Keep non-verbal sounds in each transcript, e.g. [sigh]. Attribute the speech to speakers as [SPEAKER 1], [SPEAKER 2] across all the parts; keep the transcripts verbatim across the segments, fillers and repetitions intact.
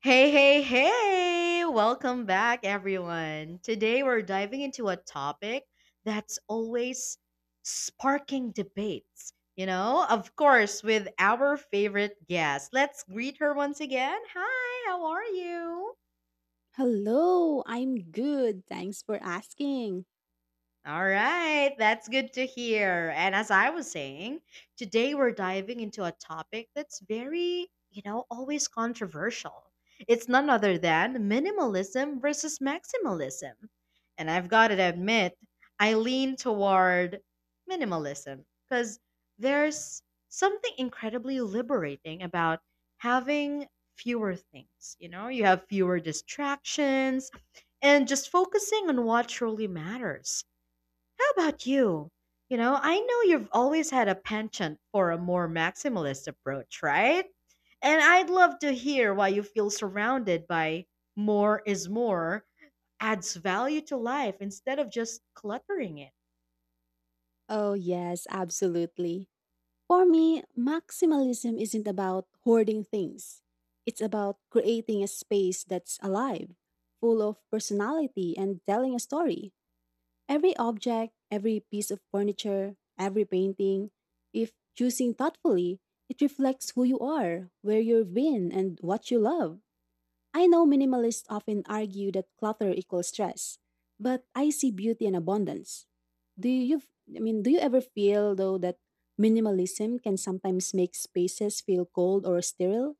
[SPEAKER 1] Hey, hey, hey! Welcome back, everyone. Today we're diving into a topic that's always sparking debates. You know, of course, with our favorite guest. Let's greet her once again. Hi, how are you?
[SPEAKER 2] Hello, I'm good. Thanks for asking.
[SPEAKER 1] All right, that's good to hear. And as I was saying, today we're diving into a topic that's very, you know, always controversial. It's none other than minimalism versus maximalism. And I've got to admit, I lean toward minimalism because there's something incredibly liberating about having fewer things. You know, you have fewer distractions and just focusing on what truly matters How about you? You know, I know you've always had a penchant for a more maximalist approach, right? And I'd love to hear why you feel surrounded by more is more adds value to life instead of just cluttering it.
[SPEAKER 2] Oh, yes, absolutely. For me, maximalism isn't about hoarding things, it's about creating a space that's alive, full of personality, and telling a story. Every object, every piece of furniture, every painting, if choosing thoughtfully, it reflects who you are, where you've been, and what you love. I know minimalists often argue that clutter equals stress, but I see beauty in abundance. Do you I mean do you ever feel though that minimalism can sometimes make spaces feel cold or sterile?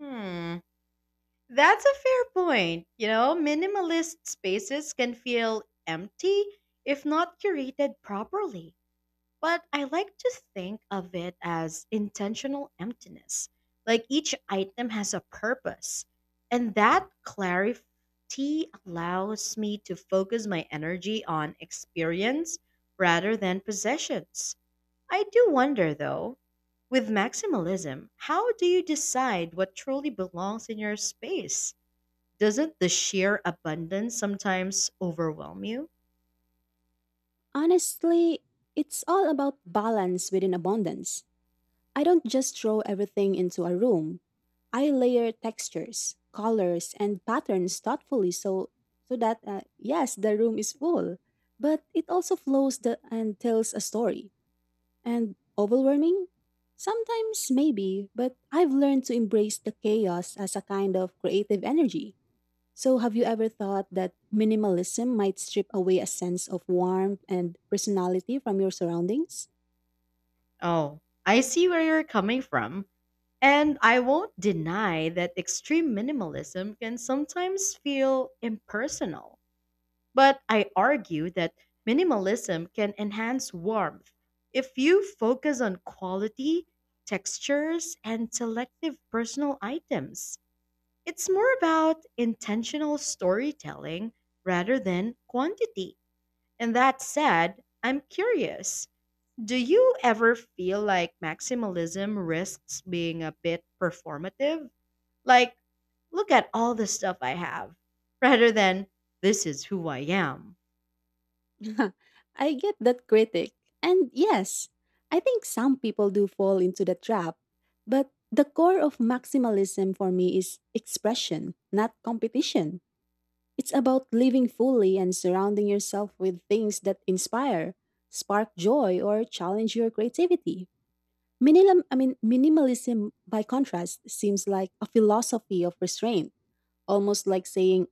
[SPEAKER 1] Hmm, that's a fair point. You know, minimalist spaces can feel empty if not curated properly. But I like to think of it as intentional emptiness. Like each item has a purpose. And that clarity allows me to focus my energy on experience rather than possessions. I do wonder though, with maximalism, how do you decide what truly belongs in your space? Doesn't the sheer abundance sometimes overwhelm you?
[SPEAKER 2] Honestly, it's all about balance within abundance. I don't just throw everything into a room. I layer textures, colors, and patterns thoughtfully so so that uh, yes, the room is full, but it also flows the, and tells a story. And overwhelming? Sometimes, maybe, but I've learned to embrace the chaos as a kind of creative energy. So, have you ever thought that minimalism might strip away a sense of warmth and personality from your surroundings?
[SPEAKER 1] Oh, I see where you're coming from. And I won't deny that extreme minimalism can sometimes feel impersonal, but I argue that minimalism can enhance warmth if you focus on quality, textures, and selective personal items. It's more about intentional storytelling rather than quantity. And that said, I'm curious. Do you ever feel like maximalism risks being a bit performative? Like, look at all the stuff I have, rather than this is who I am.
[SPEAKER 2] [laughs] I get that critic. And yes, I think some people do fall into the trap. But the core of maximalism for me is expression, not competition. It's about living fully and surrounding yourself with things that inspire, spark joy, or challenge your creativity. Minimal, I mean, minimalism, by contrast, seems like a philosophy of restraint, almost like saying,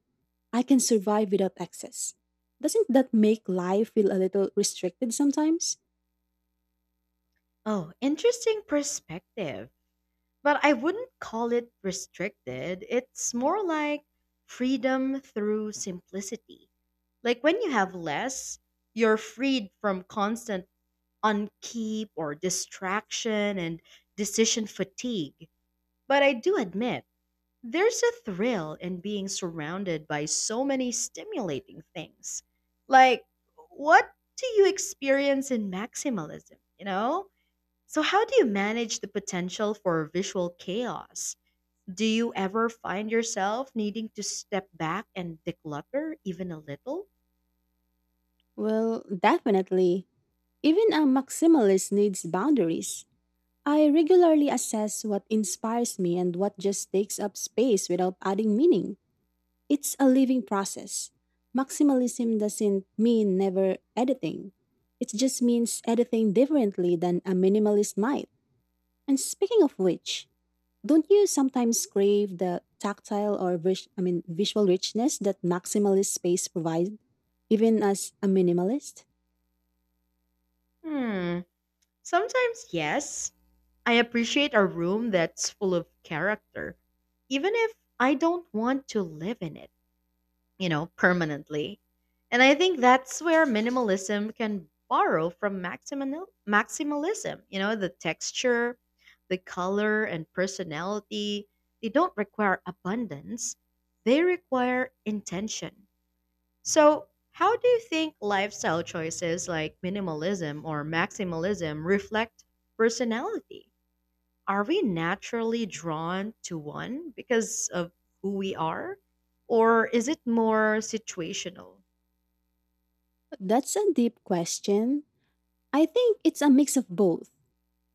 [SPEAKER 2] I can survive without excess. Doesn't that make life feel a little restricted sometimes?
[SPEAKER 1] Oh, interesting perspective. But I wouldn't call it restricted. It's more like freedom through simplicity. Like when you have less, you're freed from constant unkeep or distraction and decision fatigue. But I do admit, there's a thrill in being surrounded by so many stimulating things. Like, what do you experience in maximalism? You know? So, how do you manage the potential for visual chaos? Do you ever find yourself needing to step back and declutter even a little?
[SPEAKER 2] Well, definitely. Even a maximalist needs boundaries. I regularly assess what inspires me and what just takes up space without adding meaning. It's a living process. Maximalism doesn't mean never editing. It just means editing differently than a minimalist might. And speaking of which, don't you sometimes crave the tactile or vis- I mean visual richness that maximalist space provides, even as a minimalist?
[SPEAKER 1] Hmm. Sometimes, yes. I appreciate a room that's full of character, even if I don't want to live in it you know, permanently. And I think that's where minimalism can borrow from maximal- maximalism. You know, the texture, the color, and personality, they don't require abundance, they require intention. So, how do you think lifestyle choices like minimalism or maximalism reflect personality? Are we naturally drawn to one because of who we are? Or is it more situational?
[SPEAKER 2] That's a deep question. I think it's a mix of both.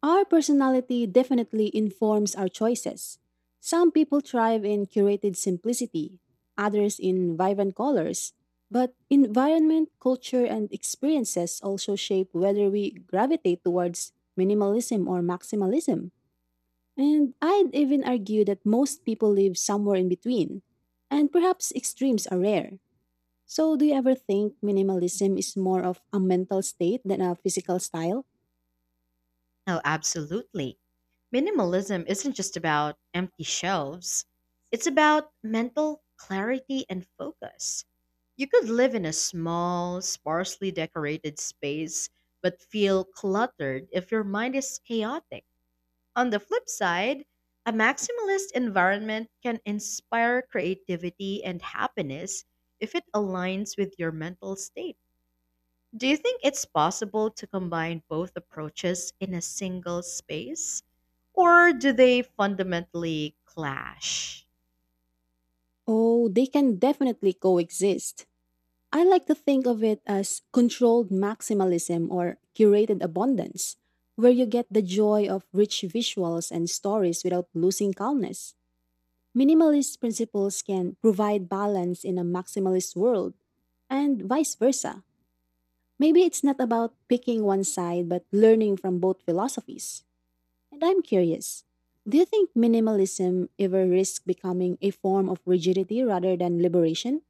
[SPEAKER 2] Our personality definitely informs our choices. Some people thrive in curated simplicity, others in vibrant colors. But environment, culture, and experiences also shape whether we gravitate towards minimalism or maximalism. And I'd even argue that most people live somewhere in between. And perhaps extremes are rare. So, do you ever think minimalism is more of a mental state than a physical style?
[SPEAKER 1] Oh, absolutely. Minimalism isn't just about empty shelves, it's about mental clarity and focus. You could live in a small, sparsely decorated space, but feel cluttered if your mind is chaotic. On the flip side, a maximalist environment can inspire creativity and happiness if it aligns with your mental state. Do you think it's possible to combine both approaches in a single space? Or do they fundamentally clash?
[SPEAKER 2] Oh, they can definitely coexist. I like to think of it as controlled maximalism or curated abundance, where you get the joy of rich visuals and stories without losing calmness. Minimalist principles can provide balance in a maximalist world, and vice versa. Maybe it's not about picking one side, but learning from both philosophies. And I'm curious, do you think minimalism ever risks becoming a form of rigidity rather than liberation?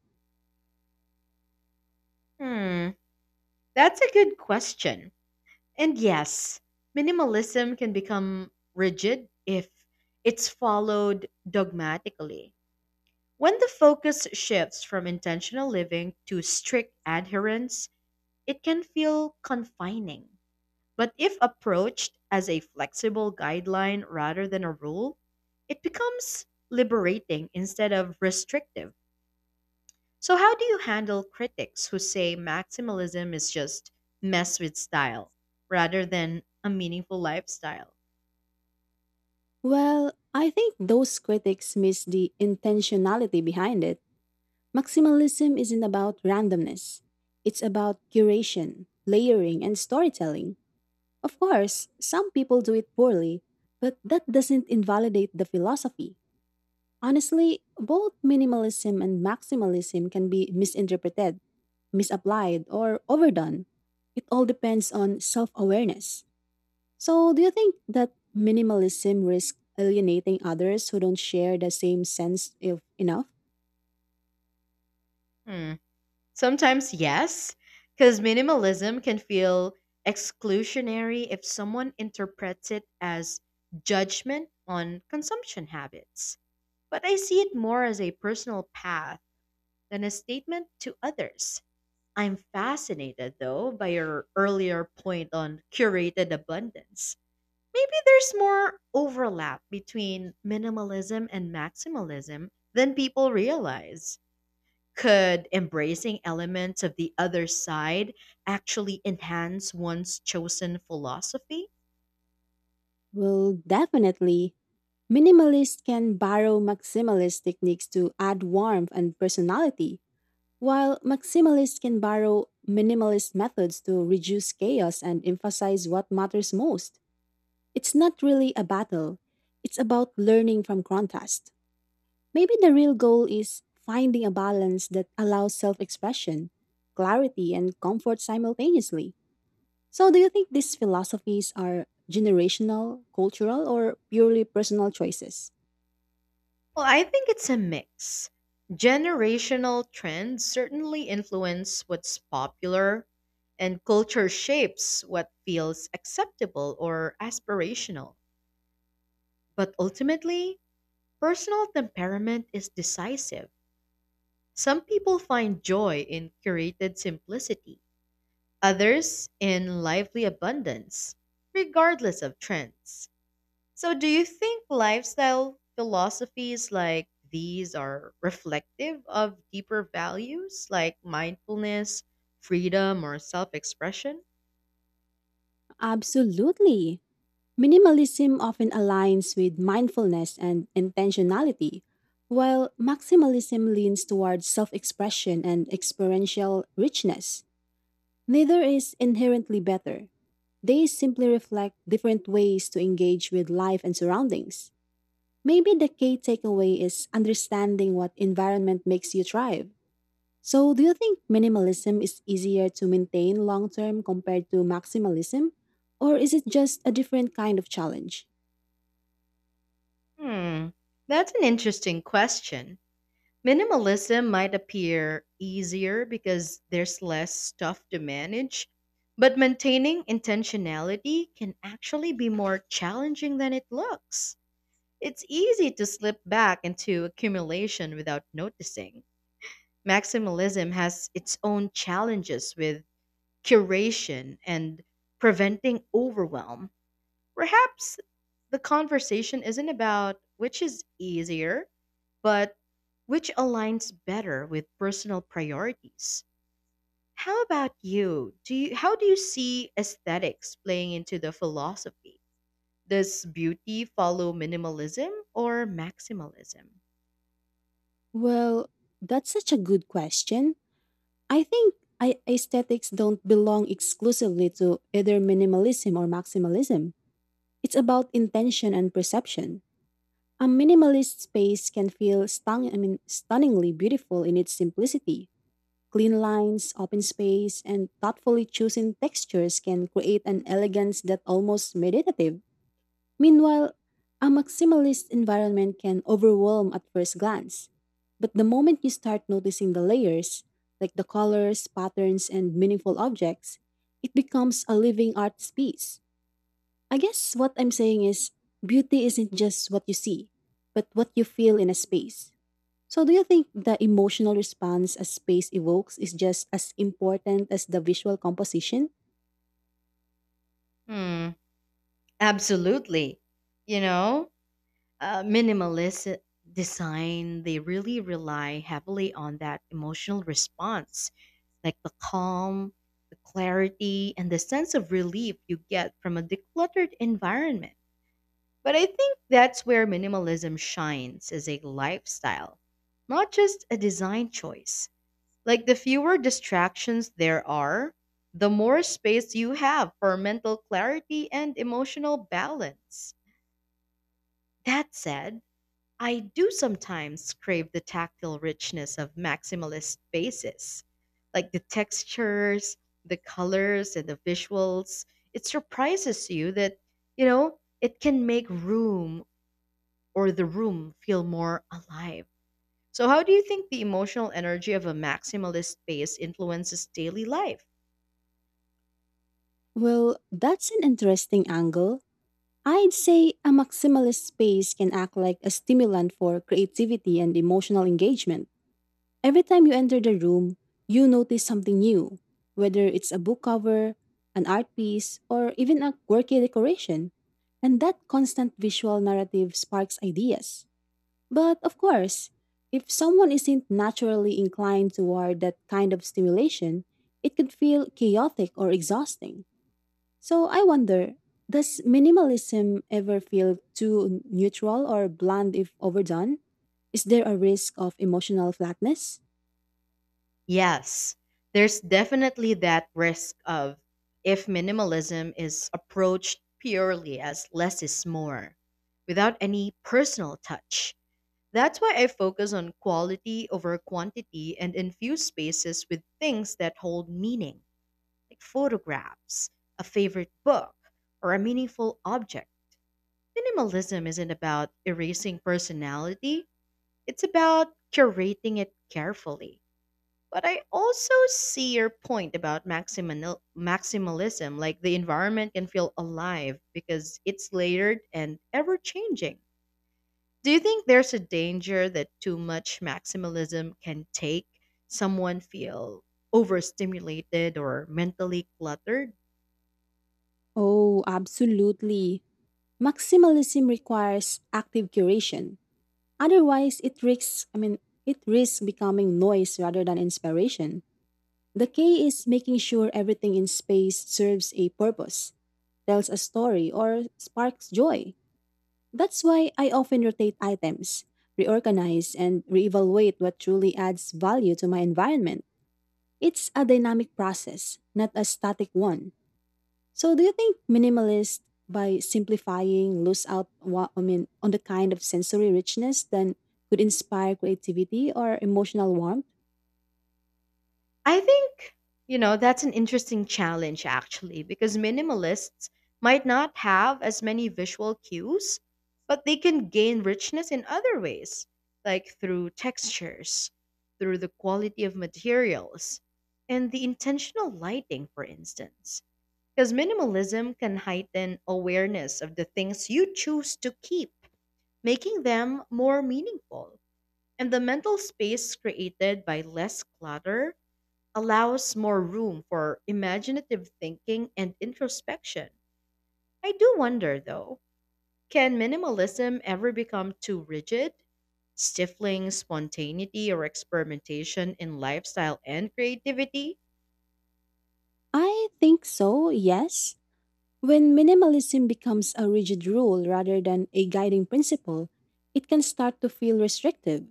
[SPEAKER 1] Hmm, that's a good question. And yes, minimalism can become rigid if it's followed dogmatically. When the focus shifts from intentional living to strict adherence, it can feel confining. But if approached as a flexible guideline rather than a rule, it becomes liberating instead of restrictive. So, how do you handle critics who say maximalism is just mess with style rather than a meaningful lifestyle?
[SPEAKER 2] Well, I think those critics miss the intentionality behind it. Maximalism isn't about randomness, it's about curation, layering, and storytelling. Of course, some people do it poorly, but that doesn't invalidate the philosophy. Honestly, both minimalism and maximalism can be misinterpreted, misapplied, or overdone. It all depends on self awareness. So, do you think that minimalism risks alienating others who don't share the same sense of enough?
[SPEAKER 1] Hmm. Sometimes, yes, because minimalism can feel exclusionary if someone interprets it as judgment on consumption habits. But I see it more as a personal path than a statement to others. I'm fascinated, though, by your earlier point on curated abundance. Maybe there's more overlap between minimalism and maximalism than people realize. Could embracing elements of the other side actually enhance one's chosen philosophy?
[SPEAKER 2] Well, definitely. Minimalists can borrow maximalist techniques to add warmth and personality, while maximalists can borrow minimalist methods to reduce chaos and emphasize what matters most. It's not really a battle, it's about learning from contrast. Maybe the real goal is finding a balance that allows self expression, clarity, and comfort simultaneously. So, do you think these philosophies are generational, cultural, or purely personal choices?
[SPEAKER 1] Well, I think it's a mix. Generational trends certainly influence what's popular, and culture shapes what feels acceptable or aspirational. But ultimately, personal temperament is decisive. Some people find joy in curated simplicity others in lively abundance, regardless of trends. So, do you think lifestyle philosophies like these are reflective of deeper values like mindfulness, freedom, or self expression?
[SPEAKER 2] Absolutely. Minimalism often aligns with mindfulness and intentionality, while maximalism leans towards self expression and experiential richness. Neither is inherently better. They simply reflect different ways to engage with life and surroundings. Maybe the key takeaway is understanding what environment makes you thrive. So, do you think minimalism is easier to maintain long term compared to maximalism? Or is it just a different kind of challenge?
[SPEAKER 1] Hmm, that's an interesting question. Minimalism might appear easier because there's less stuff to manage, but maintaining intentionality can actually be more challenging than it looks. It's easy to slip back into accumulation without noticing. Maximalism has its own challenges with curation and preventing overwhelm. Perhaps the conversation isn't about which is easier, but which aligns better with personal priorities. How about you? Do you How do you see aesthetics playing into the philosophy? Does beauty follow minimalism or maximalism?
[SPEAKER 2] Well, that's such a good question. I think I- aesthetics don't belong exclusively to either minimalism or maximalism. It's about intention and perception. A minimalist space can feel stung, I mean, stunningly beautiful in its simplicity. Clean lines, open space, and thoughtfully chosen textures can create an elegance that almost meditative. Meanwhile, a maximalist environment can overwhelm at first glance. But the moment you start noticing the layers, like the colors, patterns, and meaningful objects, it becomes a living art piece. I guess what I'm saying is beauty isn't just what you see, but what you feel in a space. So, do you think the emotional response a space evokes is just as important as the visual composition?
[SPEAKER 1] Hmm, absolutely. You know, uh, minimalist design, they really rely heavily on that emotional response, like the calm, the clarity, and the sense of relief you get from a decluttered environment. But I think that's where minimalism shines as a lifestyle, not just a design choice. Like the fewer distractions there are, the more space you have for mental clarity and emotional balance. That said, I do sometimes crave the tactile richness of maximalist spaces, like the textures, the colors, and the visuals. It surprises you that, you know, it can make room or the room feel more alive. So, how do you think the emotional energy of a maximalist space influences daily life?
[SPEAKER 2] Well, that's an interesting angle. I'd say a maximalist space can act like a stimulant for creativity and emotional engagement. Every time you enter the room, you notice something new, whether it's a book cover, an art piece, or even a quirky decoration. And that constant visual narrative sparks ideas. But of course, if someone isn't naturally inclined toward that kind of stimulation, it could feel chaotic or exhausting. So I wonder, does minimalism ever feel too neutral or bland if overdone? Is there a risk of emotional flatness?
[SPEAKER 1] Yes, there's definitely that risk of if minimalism is approached purely as less is more, without any personal touch. That's why I focus on quality over quantity and infuse spaces with things that hold meaning, like photographs, a favorite book, or a meaningful object. Minimalism isn't about erasing personality, it's about curating it carefully. But I also see your point about maximal- maximalism. Like the environment can feel alive because it's layered and ever changing. Do you think there's a danger that too much maximalism can take someone feel overstimulated or mentally cluttered?
[SPEAKER 2] Oh, absolutely. Maximalism requires active curation. Otherwise, it risks, I mean, it risks becoming noise rather than inspiration. The key is making sure everything in space serves a purpose, tells a story, or sparks joy. That's why I often rotate items, reorganize, and reevaluate what truly adds value to my environment. It's a dynamic process, not a static one. So do you think minimalist by simplifying lose out wa- I mean on the kind of sensory richness then could inspire creativity or emotional warmth?
[SPEAKER 1] I think, you know, that's an interesting challenge actually, because minimalists might not have as many visual cues, but they can gain richness in other ways, like through textures, through the quality of materials, and the intentional lighting, for instance. Because minimalism can heighten awareness of the things you choose to keep, making them more meaningful. And the mental space created by less clutter allows more room for imaginative thinking and introspection. I do wonder, though, can minimalism ever become too rigid, stifling spontaneity or experimentation in lifestyle and creativity?
[SPEAKER 2] I think so, yes. When minimalism becomes a rigid rule rather than a guiding principle, it can start to feel restrictive.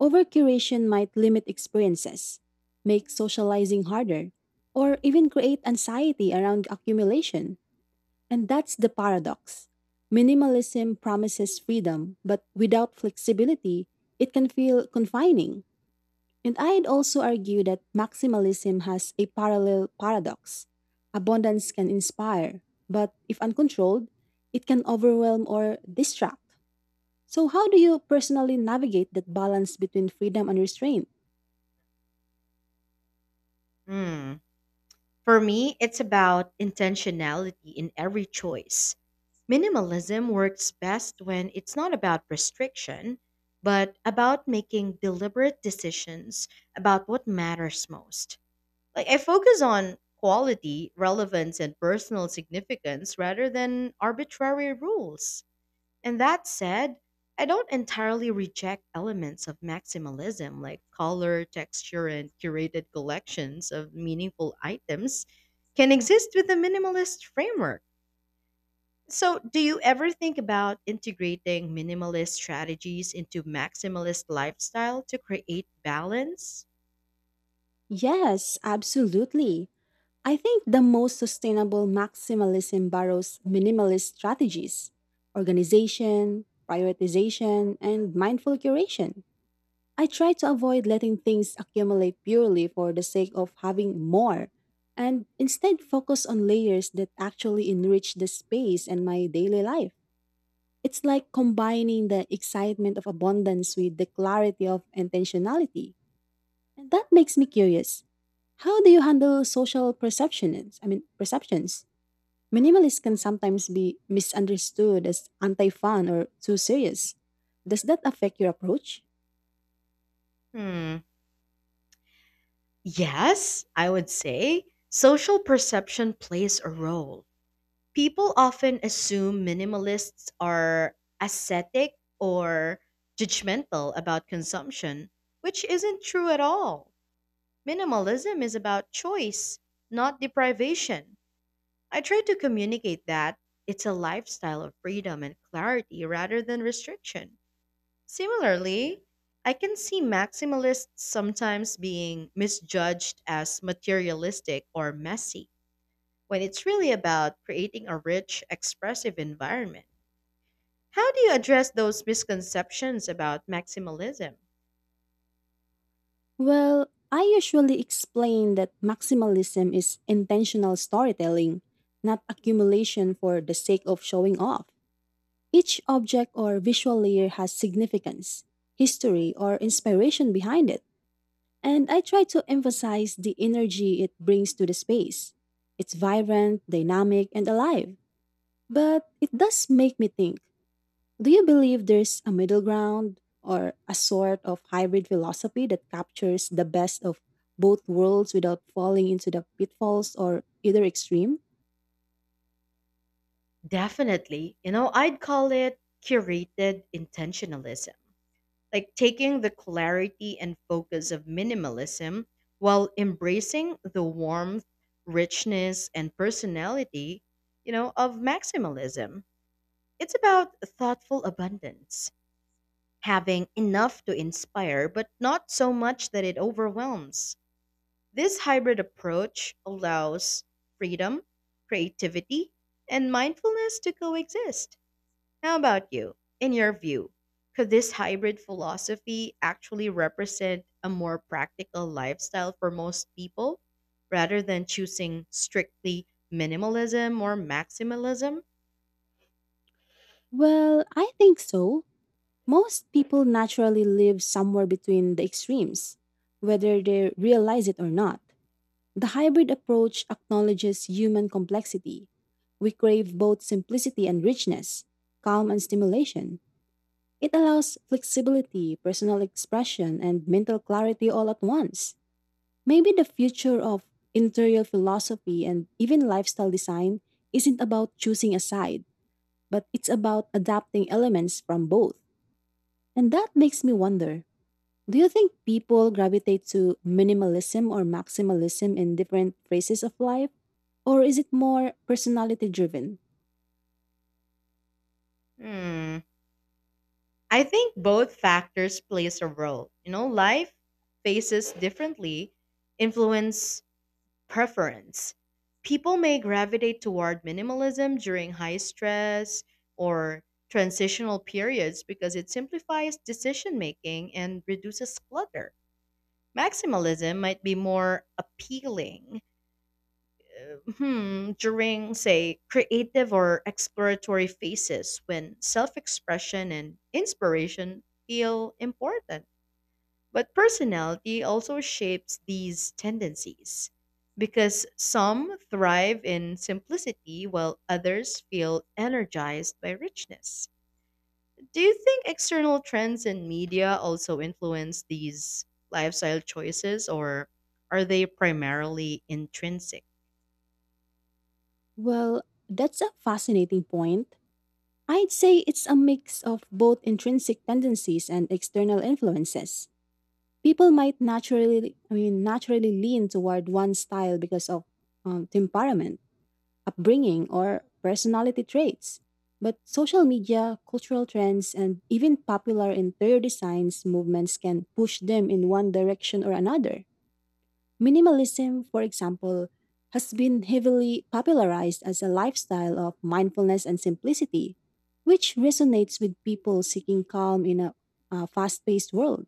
[SPEAKER 2] Overcuration might limit experiences, make socializing harder, or even create anxiety around accumulation. And that's the paradox. Minimalism promises freedom, but without flexibility, it can feel confining. And I'd also argue that maximalism has a parallel paradox. Abundance can inspire, but if uncontrolled, it can overwhelm or distract. So, how do you personally navigate that balance between freedom and restraint?
[SPEAKER 1] Hmm. For me, it's about intentionality in every choice. Minimalism works best when it's not about restriction, but about making deliberate decisions about what matters most. Like I focus on quality, relevance, and personal significance rather than arbitrary rules. And that said, I don't entirely reject elements of maximalism like color, texture, and curated collections of meaningful items can exist with a minimalist framework. So, do you ever think about integrating minimalist strategies into maximalist lifestyle to create balance?
[SPEAKER 2] Yes, absolutely. I think the most sustainable maximalism borrows minimalist strategies organization, prioritization, and mindful curation. I try to avoid letting things accumulate purely for the sake of having more and instead focus on layers that actually enrich the space and my daily life. It's like combining the excitement of abundance with the clarity of intentionality. And that makes me curious. How do you handle social perceptions? I mean, perceptions. Minimalists can sometimes be misunderstood as anti-fun or too serious. Does that affect your approach?
[SPEAKER 1] Hmm. Yes, I would say social perception plays a role. People often assume minimalists are ascetic or judgmental about consumption, which isn't true at all. Minimalism is about choice, not deprivation. I try to communicate that it's a lifestyle of freedom and clarity rather than restriction. Similarly, I can see maximalists sometimes being misjudged as materialistic or messy when it's really about creating a rich, expressive environment. How do you address those misconceptions about maximalism?
[SPEAKER 2] Well, I usually explain that maximalism is intentional storytelling, not accumulation for the sake of showing off. Each object or visual layer has significance, history, or inspiration behind it. And I try to emphasize the energy it brings to the space. It's vibrant, dynamic, and alive. But it does make me think, do you believe there's a middle ground or a sort of hybrid philosophy that captures the best of both worlds without falling into the pitfalls or either extreme?
[SPEAKER 1] Definitely. You know, I'd call it curated intentionalism. Like taking the clarity and focus of minimalism while embracing the warmth, richness, and personality, you know, of maximalism. It's about thoughtful abundance, having enough to inspire, but not so much that it overwhelms. This hybrid approach allows freedom, creativity, and mindfulness to coexist. How about you? In your view, could this hybrid philosophy actually represent a more practical lifestyle for most people rather than choosing strictly minimalism or maximalism?
[SPEAKER 2] Well, I think so. Most people naturally live somewhere between the extremes, whether they realize it or not. The hybrid approach acknowledges human complexity. We crave both simplicity and richness, calm and stimulation. It allows flexibility, personal expression, and mental clarity all at once. Maybe the future of interior philosophy and even lifestyle design isn't about choosing a side, but it's about adapting elements from both. And that makes me wonder, do you think people gravitate to minimalism or maximalism in different phases of life? Or is it more personality driven?
[SPEAKER 1] Hmm. I think both factors plays a role. You know, life phases differently influence preference. People may gravitate toward minimalism during high stress or transitional periods because it simplifies decision making and reduces clutter. Maximalism might be more appealing uh, hmm, during, say, creative or exploratory phases when self expression and inspiration feel important. But personality also shapes these tendencies because some thrive in simplicity while others feel energized by richness. Do you think external trends in media also influence these lifestyle choices or are they primarily intrinsic?
[SPEAKER 2] Well, that's a fascinating point. I'd say it's a mix of both intrinsic tendencies and external influences. People might naturally, I mean, naturally lean toward one style because of um, temperament, upbringing, or personality traits. But social media, cultural trends, and even popular interior designs movements can push them in one direction or another. Minimalism, for example, has been heavily popularized as a lifestyle of mindfulness and simplicity, which resonates with people seeking calm in a, a fast paced world.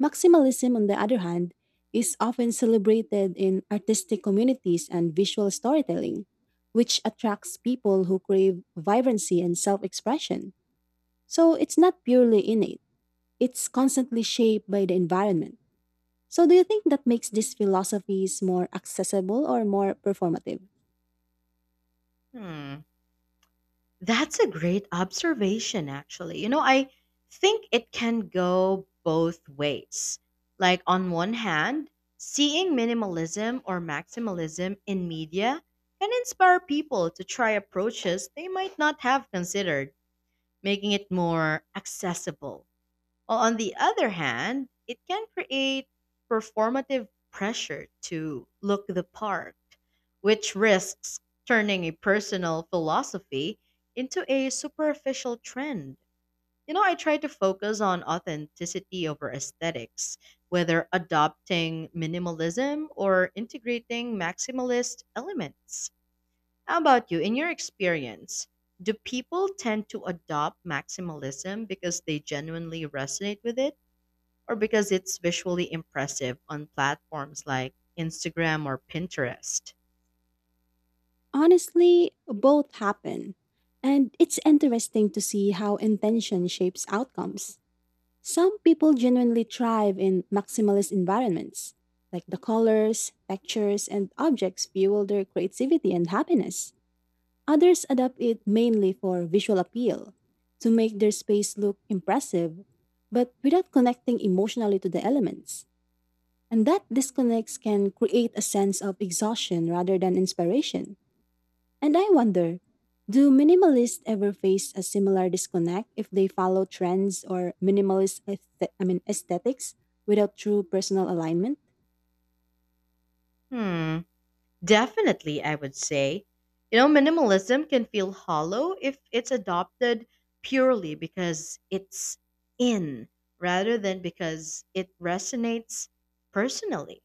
[SPEAKER 2] Maximalism, on the other hand, is often celebrated in artistic communities and visual storytelling, which attracts people who crave vibrancy and self expression. So it's not purely innate, it's constantly shaped by the environment. So, do you think that makes these philosophies more accessible or more performative?
[SPEAKER 1] Hmm. That's a great observation, actually. You know, I think it can go both ways. Like, on one hand, seeing minimalism or maximalism in media can inspire people to try approaches they might not have considered, making it more accessible. Well, on the other hand, it can create performative pressure to look the part, which risks turning a personal philosophy into a superficial trend. You know, I try to focus on authenticity over aesthetics, whether adopting minimalism or integrating maximalist elements. How about you? In your experience, do people tend to adopt maximalism because they genuinely resonate with it? Or because it's visually impressive on platforms like Instagram or Pinterest?
[SPEAKER 2] Honestly, both happen. And it's interesting to see how intention shapes outcomes. Some people genuinely thrive in maximalist environments, like the colors, textures, and objects fuel their creativity and happiness. Others adopt it mainly for visual appeal, to make their space look impressive, but without connecting emotionally to the elements. And that disconnects can create a sense of exhaustion rather than inspiration. And I wonder, do minimalists ever face a similar disconnect if they follow trends or minimalist aesthe- I mean aesthetics without true personal alignment?
[SPEAKER 1] Hmm, definitely, I would say. You know, minimalism can feel hollow if it's adopted purely because it's in rather than because it resonates personally.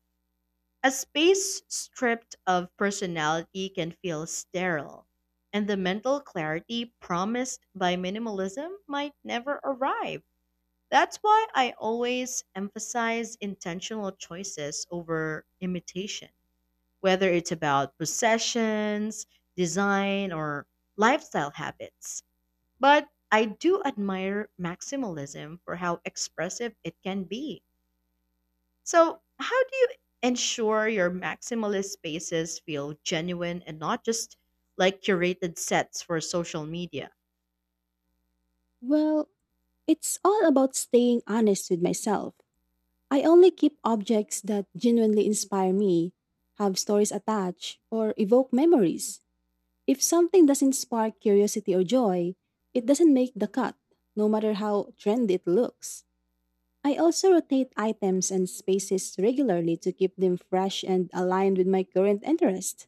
[SPEAKER 1] A space stripped of personality can feel sterile, and the mental clarity promised by minimalism might never arrive. That's why I always emphasize intentional choices over imitation, whether it's about possessions, design, or lifestyle habits. But I do admire maximalism for how expressive it can be. So, how do you ensure your maximalist spaces feel genuine and not just like curated sets for social media?
[SPEAKER 2] Well, it's all about staying honest with myself. I only keep objects that genuinely inspire me, have stories attached, or evoke memories. If something doesn't spark curiosity or joy, it doesn't make the cut, no matter how trendy it looks. I also rotate items and spaces regularly to keep them fresh and aligned with my current interest.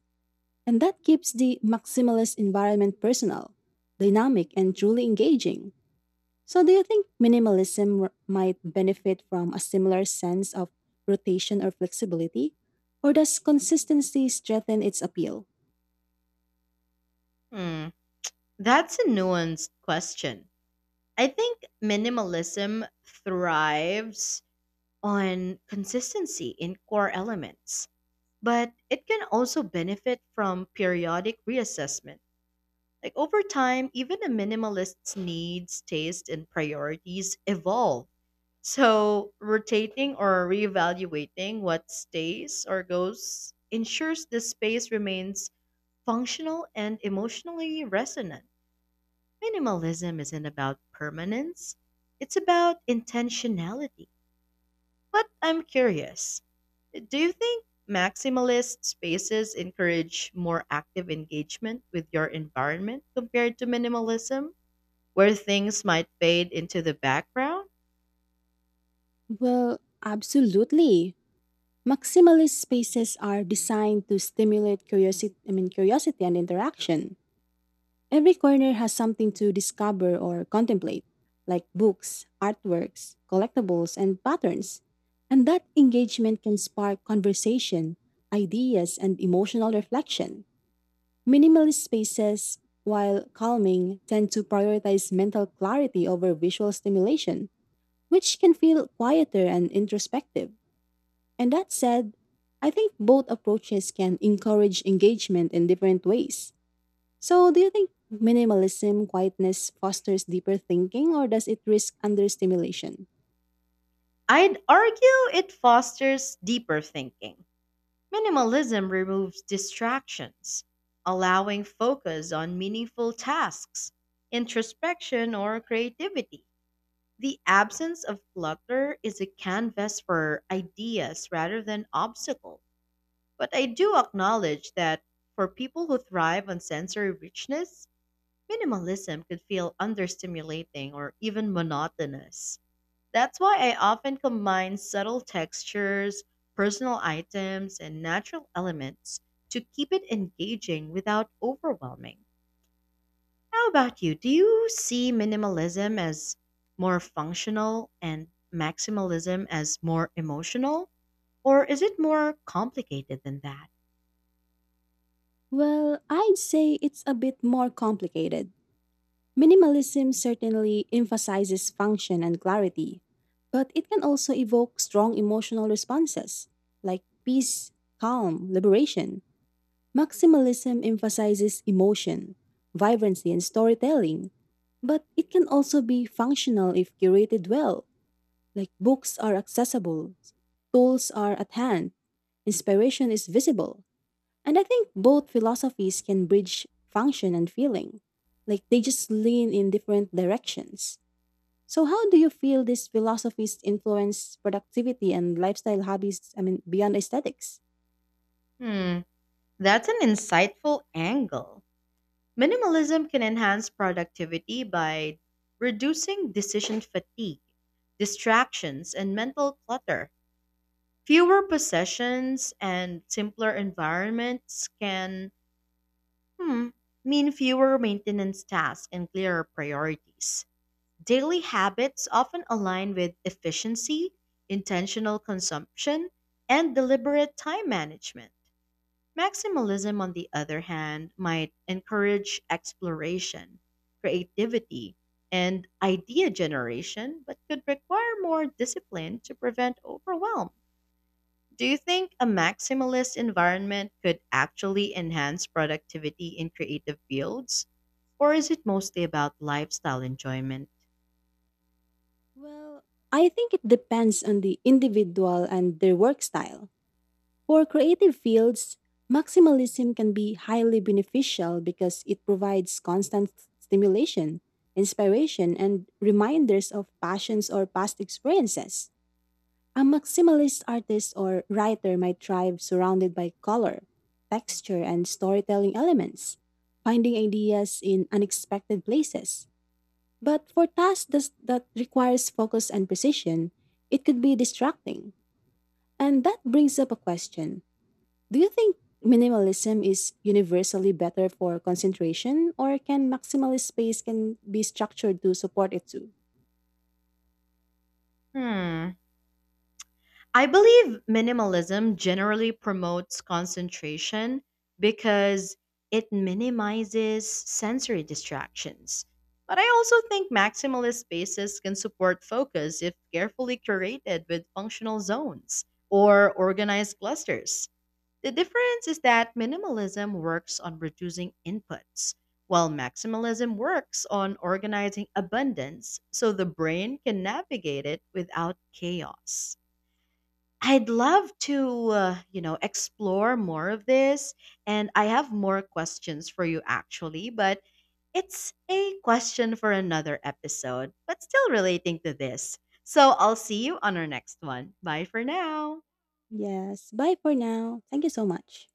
[SPEAKER 2] And that keeps the maximalist environment personal, dynamic, and truly engaging. So, do you think minimalism r- might benefit from a similar sense of rotation or flexibility? Or does consistency strengthen its appeal?
[SPEAKER 1] Hmm, that's a nuanced question. I think minimalism thrives on consistency in core elements, but it can also benefit from periodic reassessment. Like over time, even a minimalist's needs, taste, and priorities evolve. So, rotating or reevaluating what stays or goes ensures the space remains functional and emotionally resonant. Minimalism isn't about permanence, it's about intentionality. But I'm curious do you think maximalist spaces encourage more active engagement with your environment compared to minimalism, where things might fade into the background?
[SPEAKER 2] Well, absolutely. Maximalist spaces are designed to stimulate curiosity, I mean, curiosity and interaction. Every corner has something to discover or contemplate, like books, artworks, collectibles, and patterns. And that engagement can spark conversation, ideas, and emotional reflection. Minimalist spaces, while calming, tend to prioritize mental clarity over visual stimulation, which can feel quieter and introspective. And that said, I think both approaches can encourage engagement in different ways. So, do you think minimalism quietness fosters deeper thinking or does it risk understimulation?
[SPEAKER 1] I'd argue it fosters deeper thinking. Minimalism removes distractions, allowing focus on meaningful tasks, introspection, or creativity. The absence of clutter is a canvas for ideas rather than obstacle. But I do acknowledge that for people who thrive on sensory richness, minimalism could feel understimulating or even monotonous. That's why I often combine subtle textures, personal items, and natural elements to keep it engaging without overwhelming. How about you? Do you see minimalism as more functional and maximalism as more emotional? Or is it more complicated than that?
[SPEAKER 2] Well, I'd say it's a bit more complicated. Minimalism certainly emphasizes function and clarity, but it can also evoke strong emotional responses like peace, calm, liberation. Maximalism emphasizes emotion, vibrancy, and storytelling, but it can also be functional if curated well. Like books are accessible, tools are at hand, inspiration is visible. And I think both philosophies can bridge function and feeling. Like they just lean in different directions. So how do you feel these philosophies influence productivity and lifestyle hobbies, I mean beyond aesthetics?
[SPEAKER 1] Hmm, that's an insightful angle. Minimalism can enhance productivity by reducing decision fatigue, distractions, and mental clutter. Fewer possessions and simpler environments can hmm, mean fewer maintenance tasks and clearer priorities. Daily habits often align with efficiency, intentional consumption, and deliberate time management. Maximalism, on the other hand, might encourage exploration, creativity, and idea generation, but could require more discipline to prevent overwhelm. Do you think a maximalist environment could actually enhance productivity in creative fields? Or is it mostly about lifestyle enjoyment?
[SPEAKER 2] Well, I think it depends on the individual and their work style. For creative fields, maximalism can be highly beneficial because it provides constant stimulation, inspiration, and reminders of passions or past experiences. A maximalist artist or writer might thrive surrounded by color, texture, and storytelling elements, finding ideas in unexpected places. But for tasks thas- that requires focus and precision, it could be distracting. And that brings up a question. Do you think minimalism is universally better for concentration or can maximalist space can be structured to support it too?
[SPEAKER 1] Hmm. I believe minimalism generally promotes concentration because it minimizes sensory distractions. But I also think maximalist spaces can support focus if carefully curated with functional zones or organized clusters. The difference is that minimalism works on reducing inputs, while maximalism works on organizing abundance so the brain can navigate it without chaos. I'd love to, uh, you know, explore more of this. And I have more questions for you, actually, but it's a question for another episode, but still relating to this. So I'll see you on our next one. Bye for now.
[SPEAKER 2] Yes, bye for now. Thank you so much.